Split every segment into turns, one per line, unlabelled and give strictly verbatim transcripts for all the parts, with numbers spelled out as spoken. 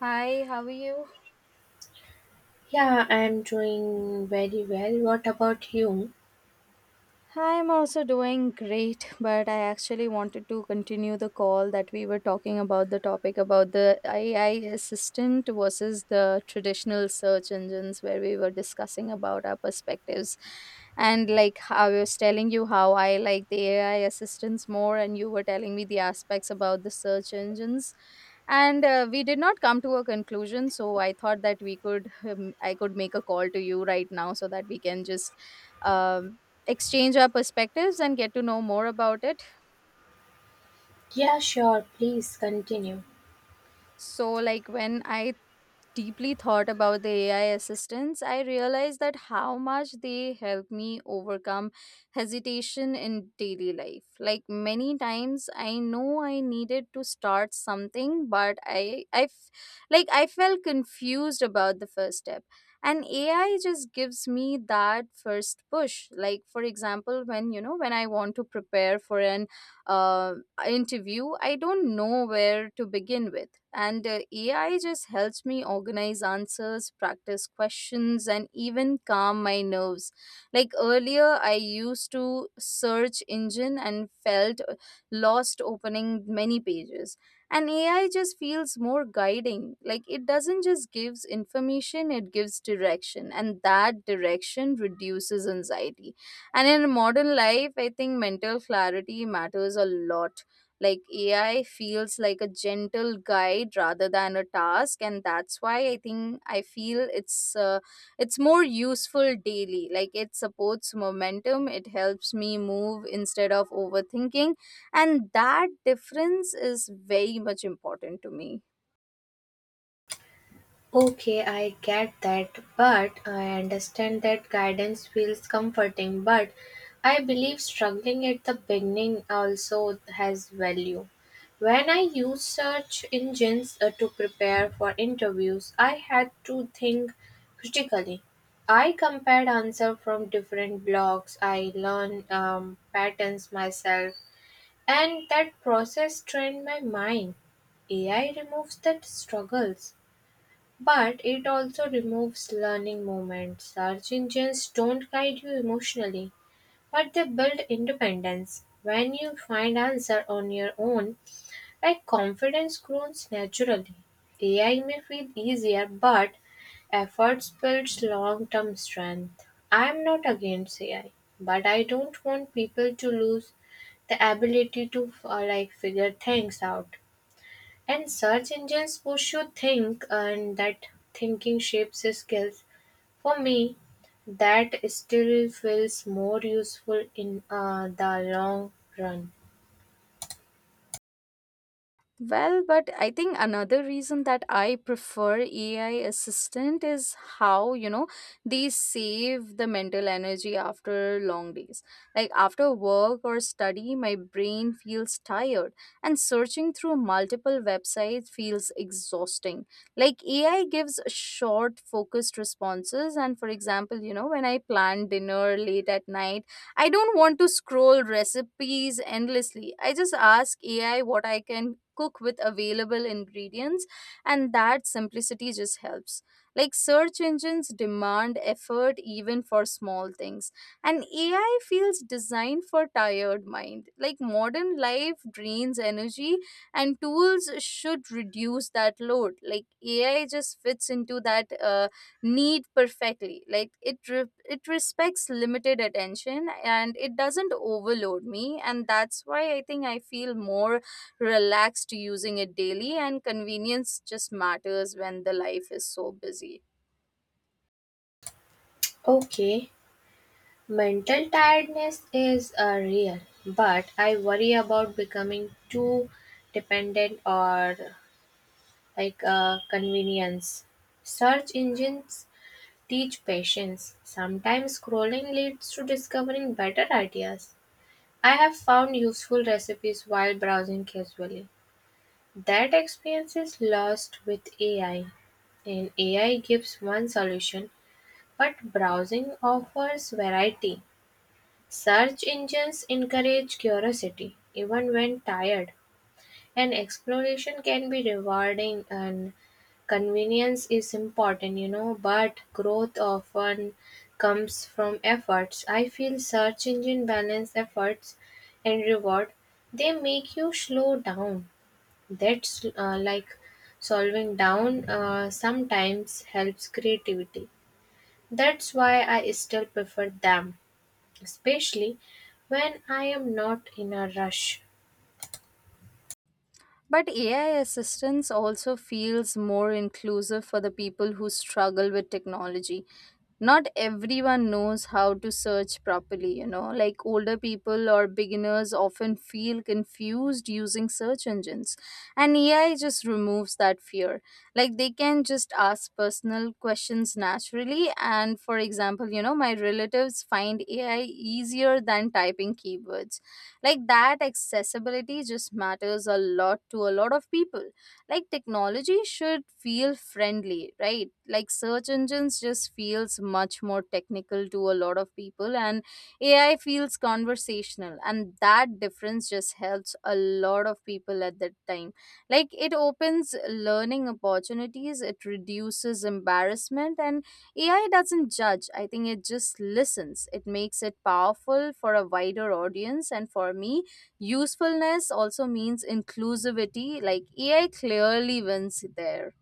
Hi, how are you?
Yeah, I'm doing very well. What about you?
I'm also doing great, but I actually wanted to continue the call that we were talking about, the topic about the A I assistant versus the traditional search engines, where we were discussing about our perspectives. And like how I was telling you how I like the A I assistants more, and you were telling me the aspects about the search engines. And uh, we did not come to a conclusion, so I thought that we could, um, I could make a call to you right now so that we can just um, exchange our perspectives and get to know more about it.
Yeah, sure. Please continue.
So, like, when I deeply thought about the A I assistants, I realized that how much they help me overcome hesitation in daily life. Like, many times I know I needed to start something, but I, I, f- like, I felt confused about the first step. And A I just gives me that first push. Like, for example, when you know, when I want to prepare for an uh, interview, I don't know where to begin with. And uh, A I just helps me organize answers, practice questions, and even calm my nerves. Like earlier, I used to search engine and felt uh, lost opening many pages. And A I just feels more guiding. Like it doesn't just gives information, it gives direction. And that direction reduces anxiety, and in modern life, I think mental clarity matters a lot. Like A I feels like a gentle guide rather than a task, and that's why I think I feel it's uh, it's more useful daily. Like it supports momentum, it helps me move instead of overthinking, and that difference is very much important to me.
Okay, I get that, but I understand that guidance feels comforting, but I believe struggling at the beginning also has value. When I used search engines uh, to prepare for interviews, I had to think critically. I compared answers from different blogs. I learned um, patterns myself. And that process trained my mind. A I removes the struggles, but it also removes learning moments. Search engines don't guide you emotionally, but they build independence. When you find answer on your own, like confidence grows naturally. A I may feel easier, but efforts builds long-term strength. I'm not against A I, but I don't want people to lose the ability to uh, like figure things out. And search engines push you think, and that thinking shapes your skills. For me, that still feels more useful in uh, the long run.
Well, but I think another reason that I prefer A I assistant is how, you know, they save the mental energy after long days. Like after work or study, my brain feels tired and searching through multiple websites feels exhausting. Like A I gives short, focused responses. And for example, you know, when I plan dinner late at night, I don't want to scroll recipes endlessly. I just ask A I what I can cook with available ingredients, and that simplicity just helps. Like search engines demand effort even for small things, and A I feels designed for tired mind. Like modern life drains energy, and tools should reduce that load. Like A I just fits into that. Uh, need perfectly, like it re- it respects limited attention, and it doesn't overload me, and that's why I think I feel more relaxed using it daily, and convenience just matters when the life is so busy.
Okay, mental tiredness is uh, real, but I worry about becoming too dependent or like uh, convenience. Search engines teach patience. Sometimes scrolling leads to discovering better ideas. I have found useful recipes while browsing casually. That experience is lost with A I, and A I gives one solution, but browsing offers variety. Search engines encourage curiosity, even when tired. And exploration can be rewarding, and convenience is important, you know, but growth often comes from efforts. I feel search engine balance efforts and reward. They make you slow down. That's uh, like solving down uh, sometimes helps creativity. That's why I still prefer them, especially when I am not in a rush.
But A I assistance also feels more inclusive for the people who struggle with technology. Not everyone knows how to search properly, you know, like older people or beginners often feel confused using search engines. And A I just removes that fear. Like they can just ask personal questions naturally. And for example, you know, my relatives find A I easier than typing keywords, like that accessibility just matters a lot to a lot of people. Like technology should feel friendly, right? Like search engines just feels much more technical to a lot of people, and AI feels conversational, and that difference just helps a lot of people at that time. Like it opens learning opportunities, it reduces embarrassment, and A I doesn't judge, I think it just listens. It makes it powerful for a wider audience. And for me, usefulness also means inclusivity. Like A I clearly wins there.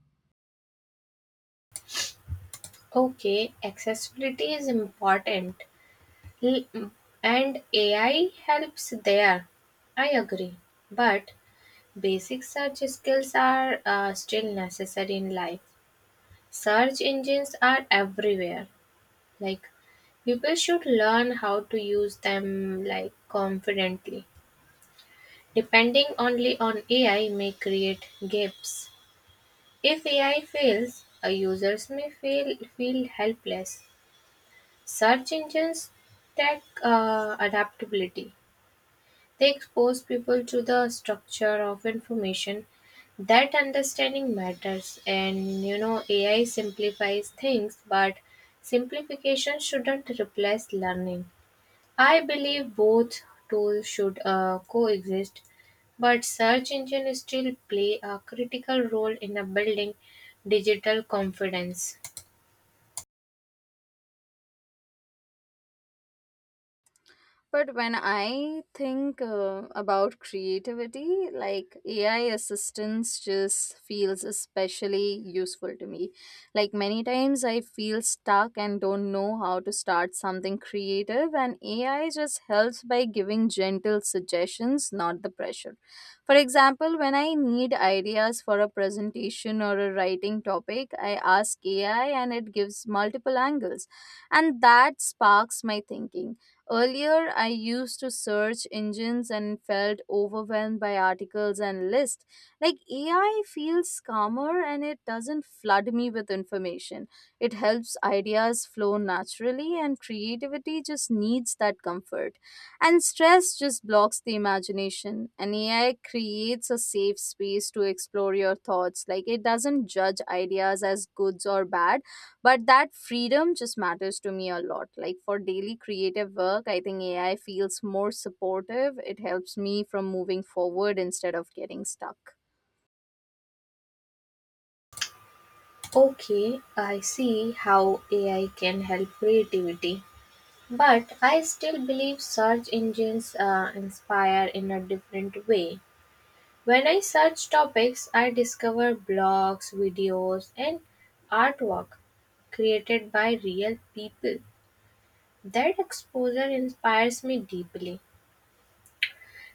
Okay, accessibility is important. L- mm, And A I helps there, I agree. But basic search skills are uh, still necessary in life. Search engines are everywhere. Like people should learn how to use them like confidently. Depending only on A I may create gaps. If A I fails, uh, users may feel feel helpless. Search engines tech uh, adaptability. They expose people to the structure of information, that understanding matters. And you know, A I simplifies things, but simplification shouldn't replace learning. I believe both tools should uh, coexist, but search engines still play a critical role in a building digital confidence.
But when I think uh, about creativity, like A I assistance just feels especially useful to me. Like many times I feel stuck and don't know how to start something creative, and A I just helps by giving gentle suggestions, not the pressure. For example, when I need ideas for a presentation or a writing topic, I ask A I and it gives multiple angles, and that sparks my thinking. Earlier, I used to search engines and felt overwhelmed by articles and lists. Like A I feels calmer and it doesn't flood me with information. It helps ideas flow naturally, and creativity just needs that comfort. And stress just blocks the imagination. And A I creates a safe space to explore your thoughts. Like it doesn't judge ideas as goods or bad, but that freedom just matters to me a lot. Like for daily creative work, I think AI feels more supportive, it helps me from moving forward instead of getting stuck.
Okay, I see how A I can help creativity. But I still believe search engines uh, inspire in a different way. When I search topics, I discover blogs, videos, and artwork created by real people. That exposure inspires me deeply.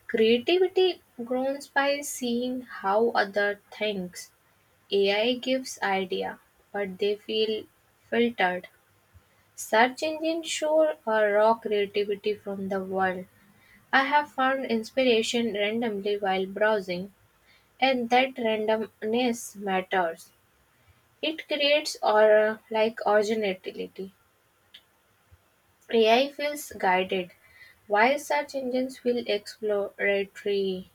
Creativity grows by seeing how other thinks. A I gives idea, but they feel filtered. Search engines show a raw creativity from the world. I have found inspiration randomly while browsing, and that randomness matters. It creates or like originality. A I feels guided, while search engines feel exploratory.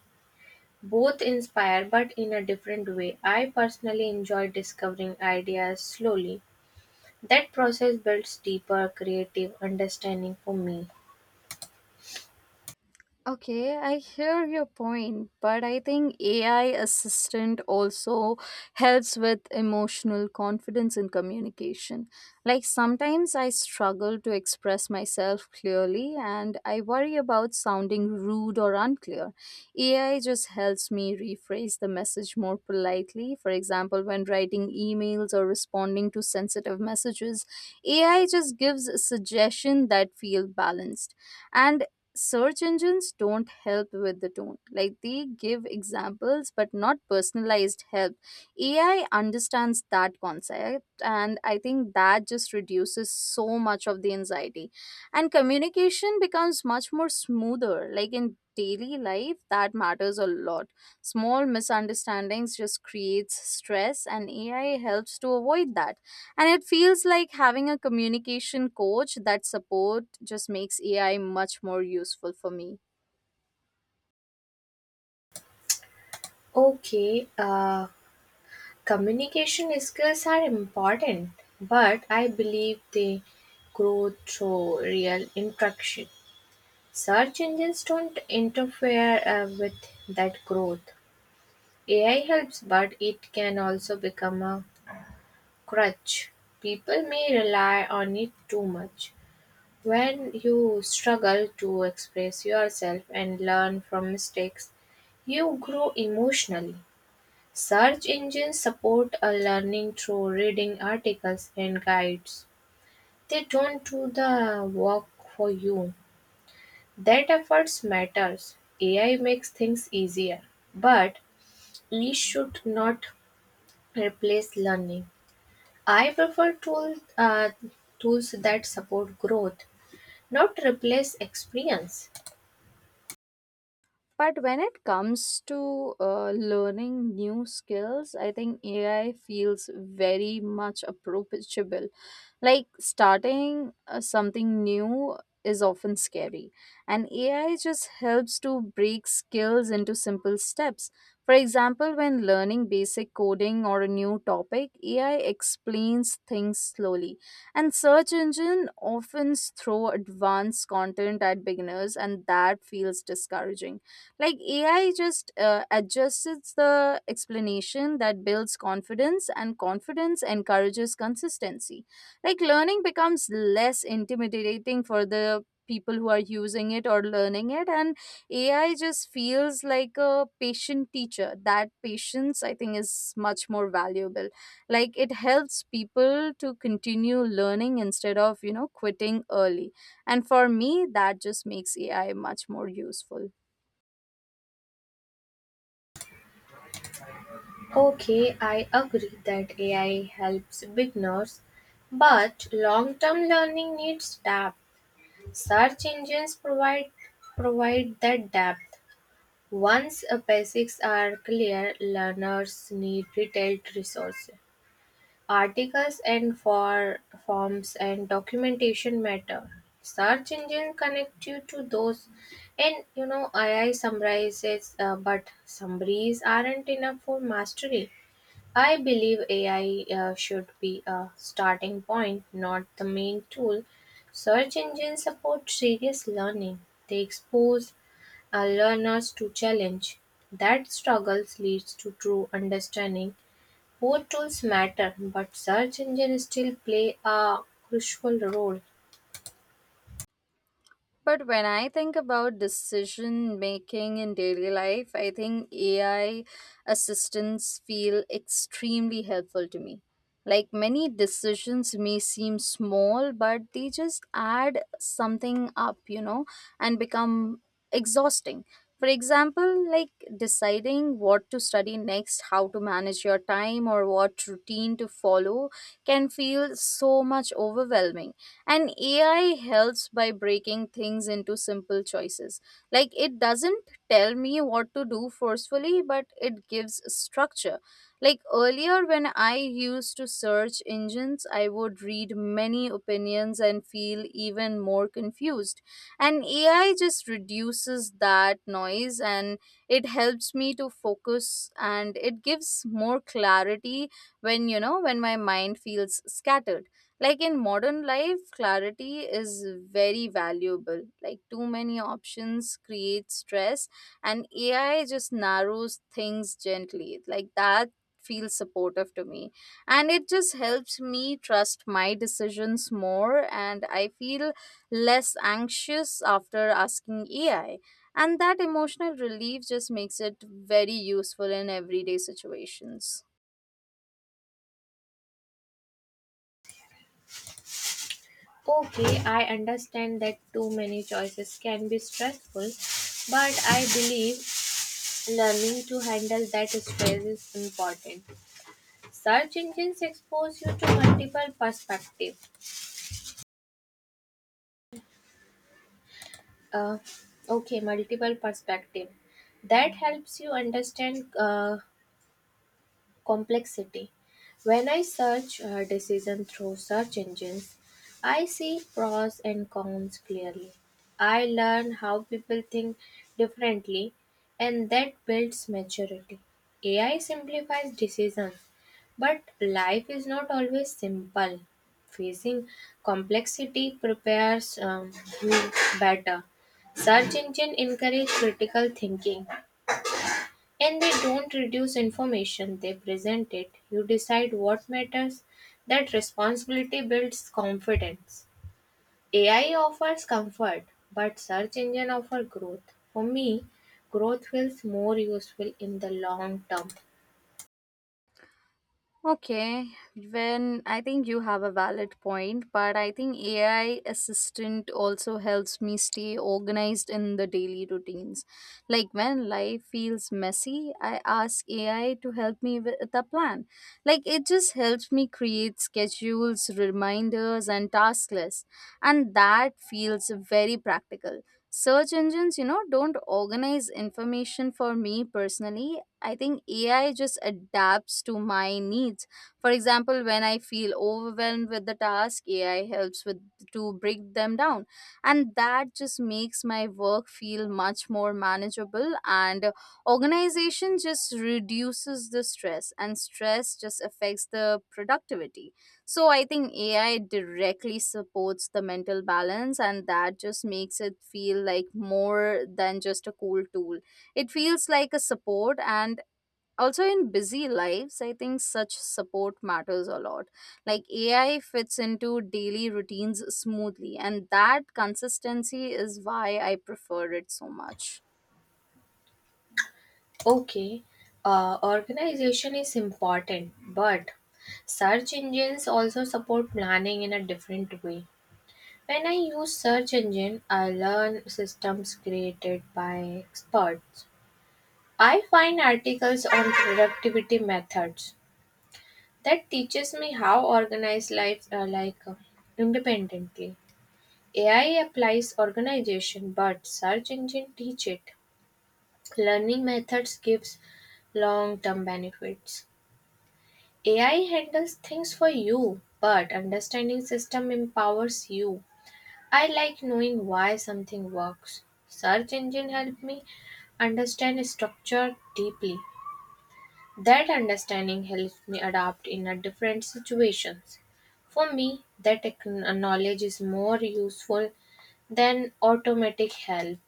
Both inspire, but in a different way. I personally enjoy discovering ideas slowly. That process builds deeper creative understanding for me.
Okay, I hear your point, but I think A I assistant also helps with emotional confidence and communication. Like sometimes I struggle to express myself clearly and I worry about sounding rude or unclear. A I just helps me rephrase the message more politely. For example, when writing emails or responding to sensitive messages, A I just gives a suggestion that feel balanced, and search engines don't help with the tone, like they give examples but not personalized help. AI understands that concept, and I think that just reduces so much of the anxiety, and communication becomes much more smoother. Like in daily life that matters a lot. Small misunderstandings just creates stress, and AI helps to avoid that, and it feels like having a communication coach. That support just makes A I much more useful for me.
Okay, uh, communication skills are important, but I believe they grow through real interaction. Search engines don't interfere uh, with that growth. A I helps, but it can also become a crutch. People may rely on it too much. When you struggle to express yourself and learn from mistakes, you grow emotionally. Search engines support a learning through reading articles and guides. They don't do the work for you. That efforts matters. A I makes things easier, but it should not replace learning. I prefer tools uh, tools that support growth, not replace experience.
But when it comes to uh, learning new skills, I think A I feels very much approachable. Like starting uh, something new is often scary, and A I just helps to break skills into simple steps. For example, when learning basic coding or a new topic, A I explains things slowly. And search engine often throw advanced content at beginners, and that feels discouraging. Like AI just uh, adjusts the explanation, that builds confidence, and confidence encourages consistency. Like learning becomes less intimidating for the people who are using it or learning it, and AI just feels like a patient teacher. That patience, I think, is much more valuable. Like it helps people to continue learning instead of, you know, quitting early, and for me that just makes AI much more useful.
Okay, I agree that A I helps beginners, but long-term learning needs depth. Search engines provide provide that depth. Once uh, basics are clear, learners need detailed resources. Articles and for forms and documentation matter. Search engine connect you to those, and you know A I summarizes, uh, but summaries aren't enough for mastery. I believe A I uh, should be a starting point, not the main tool. Search engines support serious learning. They expose uh, learners to challenge. That struggles leads to true understanding. Both tools matter, but search engines still play a crucial role.
But when I think about decision making in daily life, I think A I assistants feel extremely helpful to me. Like many decisions may seem small, but they just add something up, you know, and become exhausting. For example, like deciding what to study next, how to manage your time, or what routine to follow can feel so much overwhelming, and A I helps by breaking things into simple choices. Like it doesn't tell me what to do forcefully, but it gives structure. Like earlier, when I used to search engines, I would read many opinions and feel even more confused. And A I just reduces that noise, and it helps me to focus, and it gives more clarity when, you know, when my mind feels scattered. Like in modern life, clarity is very valuable. Like too many options create stress, and A I just narrows things gently. Like that feels supportive to me. And it just helps me trust my decisions more, and I feel less anxious after asking A I. And that emotional relief just makes it very useful in everyday situations.
Okay, I understand that too many choices can be stressful, but I believe learning to handle that stress is important. Search engines expose you to multiple perspective. Uh, okay, multiple perspective. That helps you understand uh, complexity. When I search a decision through search engines, I see pros and cons clearly. I learn how people think differently, and that builds maturity. A I simplifies decisions, but life is not always simple. Facing complexity prepares um, you better. Search engine encourage critical thinking, and they don't reduce information, they present it. You decide what matters. That responsibility builds confidence. A I offers comfort, but search engine offer growth. For me, growth feels more useful in the long term.
Okay, when I think you have a valid point, but I think A I assistant also helps me stay organized in the daily routines. Like when life feels messy, I ask A I to help me with a plan. Like it just helps me create schedules, reminders, and task lists, and that feels very practical. Search engines, you know, don't organize information for me personally. I think A I just adapts to my needs. For example, when I feel overwhelmed with the task, A I helps with to break them down, and that just makes my work feel much more manageable. And uh, organization just reduces the stress, and stress just affects the productivity. So I think A I directly supports the mental balance, and that just makes it feel like more than just a cool tool. It feels like a support, and also in busy lives, I think such support matters a lot. Like A I fits into daily routines smoothly, and that consistency is why I prefer it so much.
Okay, uh, organization is important, but search engines also support planning in a different way. When I use search engine, I learn systems created by experts. I find articles on productivity methods that teaches me how organize life uh, like uh, independently. A I applies organization, but search engine teach it. Learning methods gives long-term benefits. A I handles things for you, but understanding system empowers you. I like knowing why something works. Search engine help me understand structure deeply. That understanding helps me adapt in a different situations. For me, that ec- knowledge is more useful than automatic help.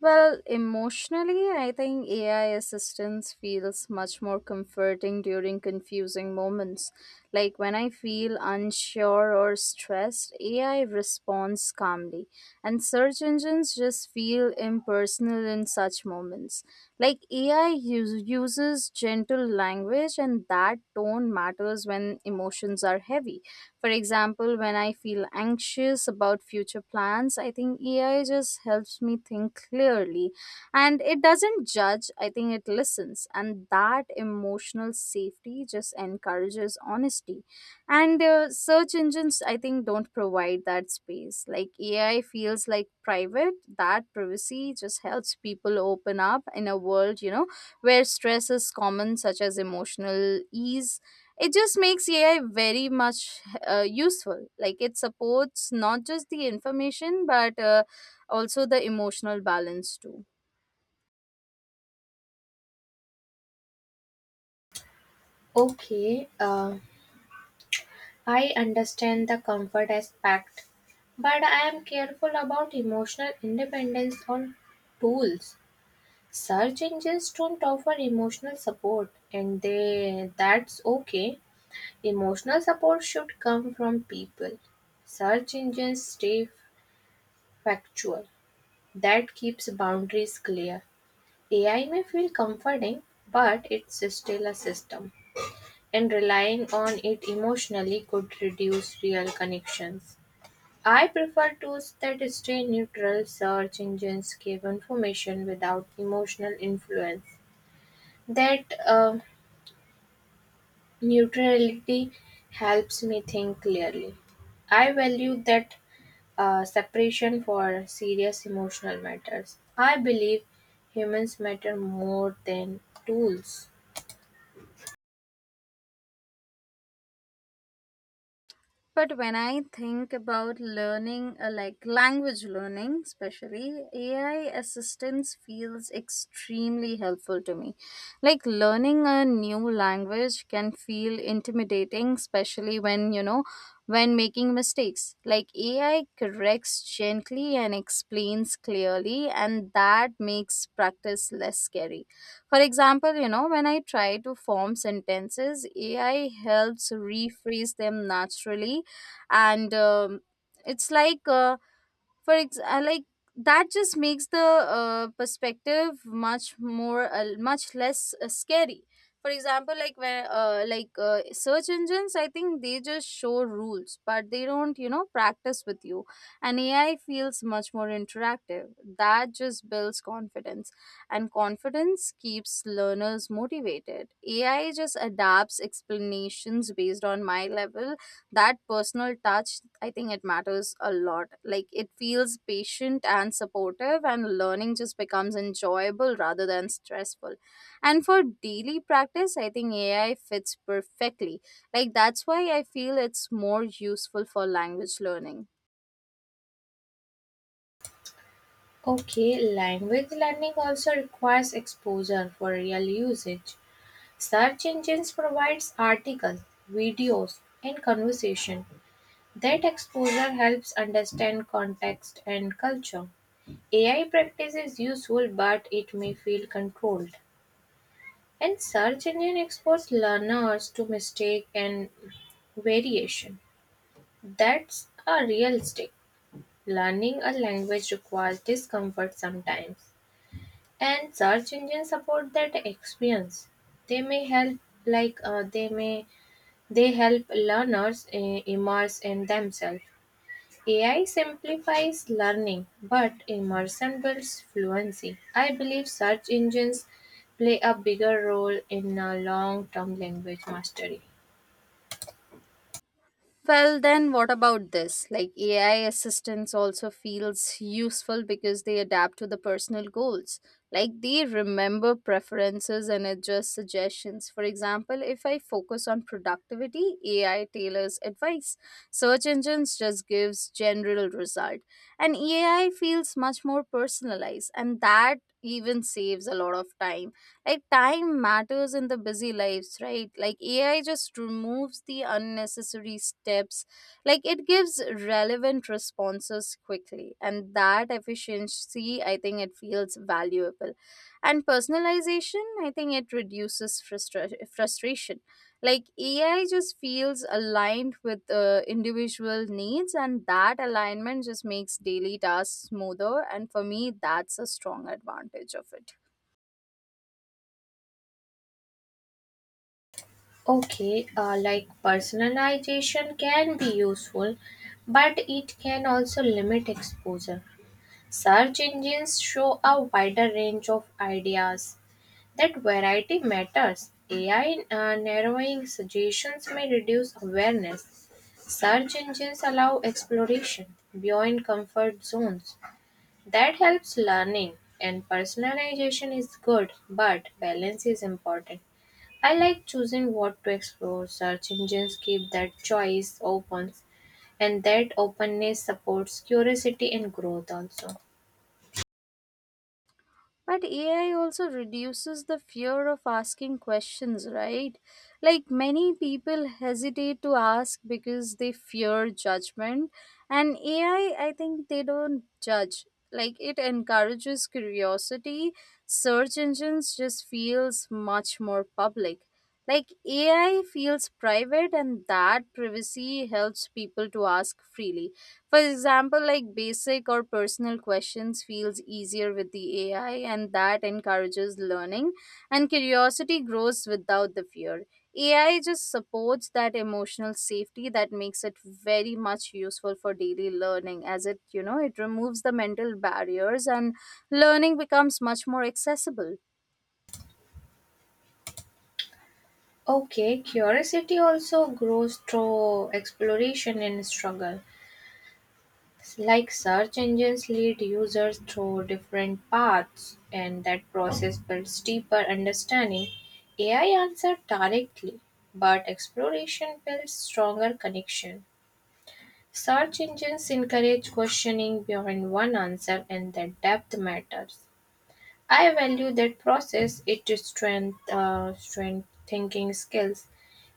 Well, emotionally, I think A I assistance feels much more comforting during confusing moments. Like when I feel unsure or stressed, A I responds calmly, and search engines just feel impersonal in such moments. Like A I us- uses gentle language, and that tone matters when emotions are heavy. For example, when I feel anxious about future plans, I think A I just helps me think clearly and it doesn't judge, I think it listens. And that emotional safety just encourages honesty. And uh, search engines, I think, don't provide that space. Like A I feels like private, that privacy just helps people open up in a world, you know, where stress is common, such as emotional ease. It just makes AI very much uh, useful. Like it supports not just the information but uh, also the emotional balance too.
Okay, uh, I understand the comfort aspect, but I am careful about emotional independence on tools. Search engines don't offer emotional support, and they that's okay. Emotional support should come from people. Search engines stay factual. That keeps boundaries clear. A I may feel comforting, but it's still a system, and relying on it emotionally could reduce real connections. I prefer tools that stay neutral. Search engines give information without emotional influence. That uh, neutrality helps me think clearly. I value that uh, separation for serious emotional matters. I believe humans matter more than tools.
But when I think about learning, uh, like language learning, especially, A I assistance feels extremely helpful to me. Like learning a new language can feel intimidating, especially when, you know, when making mistakes. Like A I corrects gently and explains clearly, and that makes practice less scary. For example, you know, when I try to form sentences, A I helps rephrase them naturally and um, it's like uh, for ex- uh, like that just makes the uh, perspective much more uh, much less uh, scary. For example, like where uh, like uh, search engines, I think they just show rules, but they don't you know practice with you. And AI feels much more interactive. That just builds confidence, and confidence keeps learners motivated. AI just adapts explanations based on my level. That personal touch, I think it matters a lot. Like it feels patient and supportive, and learning just becomes enjoyable rather than stressful. And for daily practice, I think AI fits perfectly. Like that's why I feel it's more useful for language learning.
Okay, language learning also requires exposure for real usage. Search engines provides articles, videos, and conversation. That exposure helps understand context and culture. A I practice is useful, but it may feel controlled. And search engine expose learners to mistake and variation. That's a real stick. Learning a language requires discomfort sometimes. And search engines support that experience. They may help like uh, they may They help learners eh, immerse in themselves. A I simplifies learning, but immersion builds fluency. I believe search engines play a bigger role in uh, long-term language mastery.
Well, then what about this? Like A I assistants also feels useful because they adapt to the personal goals. Like they remember preferences and adjust suggestions. For example, if I focus on productivity, A I tailors advice. Search engines just gives general result. And A I feels much more personalized, and that even saves a lot of time. Like time matters in the busy lives, right? Like AI just removes the unnecessary steps. Like it gives relevant responses quickly, and that efficiency, I think it feels valuable. And personalization, I think it reduces frustra- frustration. Like AI just feels aligned with uh, individual needs, and that alignment just makes daily tasks smoother, and for me that's a strong advantage of it.
Okay, uh, like personalization can be useful, but it can also limit exposure. Search engines show a wider range of ideas. That variety matters. A I uh, narrowing suggestions may reduce awareness. Search engines allow exploration beyond comfort zones. That helps learning, and personalization is good, but balance is important. I like choosing what to explore. Search engines keep that choice open, and that openness supports curiosity and growth also.
But A I also reduces the fear of asking questions, right? Like many people hesitate to ask because they fear judgment. And A I, I I think they don't judge. Like it encourages curiosity. Search engines just feels much more public. Like A I feels private, and that privacy helps people to ask freely. For example, like basic or personal questions feels easier with the A I, and that encourages learning, and curiosity grows without the fear. A I just supports that emotional safety that makes it very much useful for daily learning, as it, you know, it removes the mental barriers, and learning becomes much more accessible.
Okay, curiosity also grows through exploration and struggle. Like search engines lead users through different paths, and that process builds deeper understanding. A I answers directly, but exploration builds stronger connection. Search engines encourage questioning behind one answer, and that depth matters. I value that process. It is strength, uh, strength thinking skills.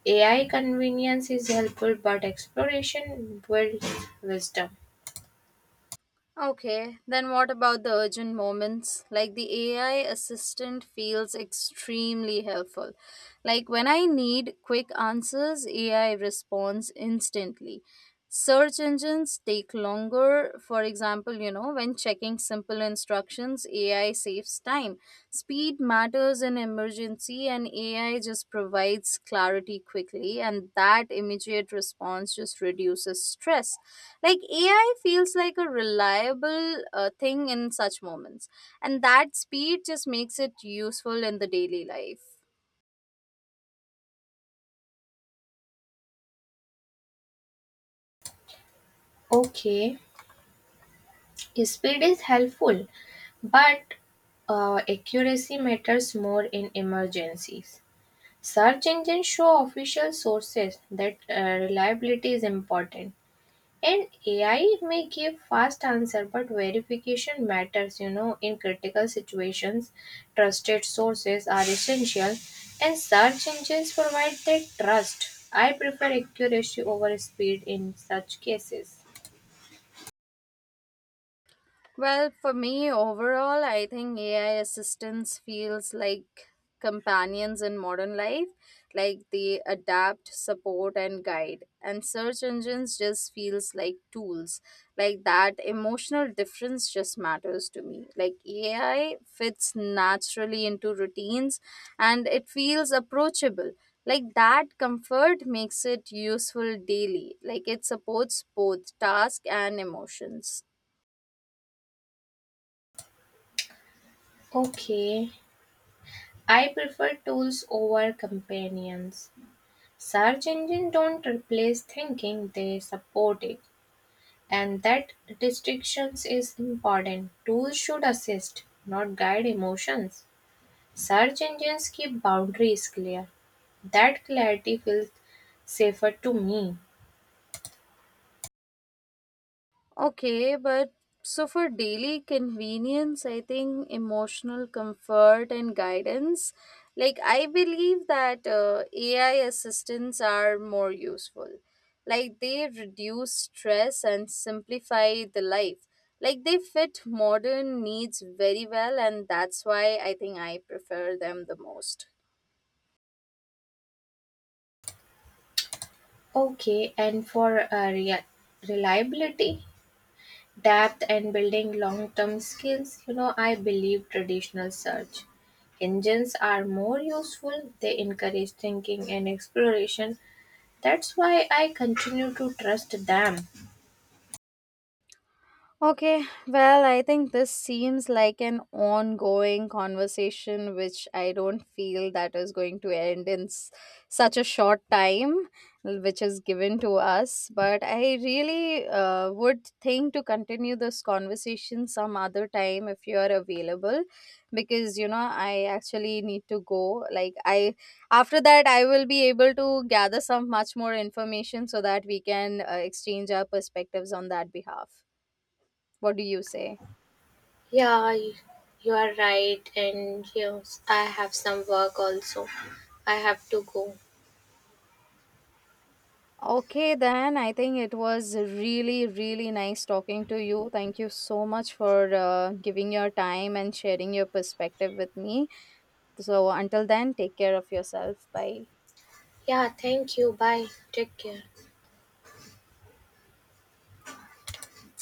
A I convenience is helpful, but exploration builds wisdom.
Okay, then what about the urgent moments? Like the A I assistant feels extremely helpful. Like when I need quick answers, A I responds instantly. Search engines take longer. For example, you know, when checking simple instructions, A I saves time. Speed matters in emergency, and A I just provides clarity quickly, and that immediate response just reduces stress. Like, A I feels like a reliable uh, thing in such moments, and that speed just makes it useful in the daily life.
Okay, speed is helpful, but uh, accuracy matters more in emergencies. Search engines show official sources that uh, reliability is important. And A I may give fast answer, but verification matters, you know, in critical situations. Trusted sources are essential, and search engines provide that trust. I prefer accuracy over speed in such cases.
Well, for me overall, I think A I assistance feels like companions in modern life, like they adapt, support and guide. And search engines just feels like tools. Like that emotional difference just matters to me. Like A I fits naturally into routines, and it feels approachable. Like that comfort makes it useful daily. Like it supports both task and emotions.
Okay, I prefer tools over companions. Search engines don't replace thinking, they support it. And that distinction is important. Tools should assist, not guide emotions. Search engines keep boundaries clear. That clarity feels safer to me.
Okay, but so for daily convenience, I think emotional comfort and guidance, like I believe that uh, A I assistants are more useful. Like they reduce stress and simplify the life. Like they fit modern needs very well, and that's why I think I prefer them the most.
Okay, and for uh, rea- reliability, depth, and building long term skills, you know, I believe traditional search engines are more useful. They encourage thinking and exploration. That's why I continue to trust them.
Okay, well, I think this seems like an ongoing conversation, which I don't feel that is going to end in s- such a short time, which is given to us. But I really uh, would think to continue this conversation some other time if you are available, because you know I actually need to go. Like I, after that, I will be able to gather some much more information so that we can uh, exchange our perspectives on that behalf. What do you say?
Yeah, y- you are right, and yes, I have some work also. I have to go.
Okay, then I think it was really, really nice talking to you. Thank you so much for uh, giving your time and sharing your perspective with me. So, until then, take care of yourself. Bye.
Yeah, thank you. Bye. Take care.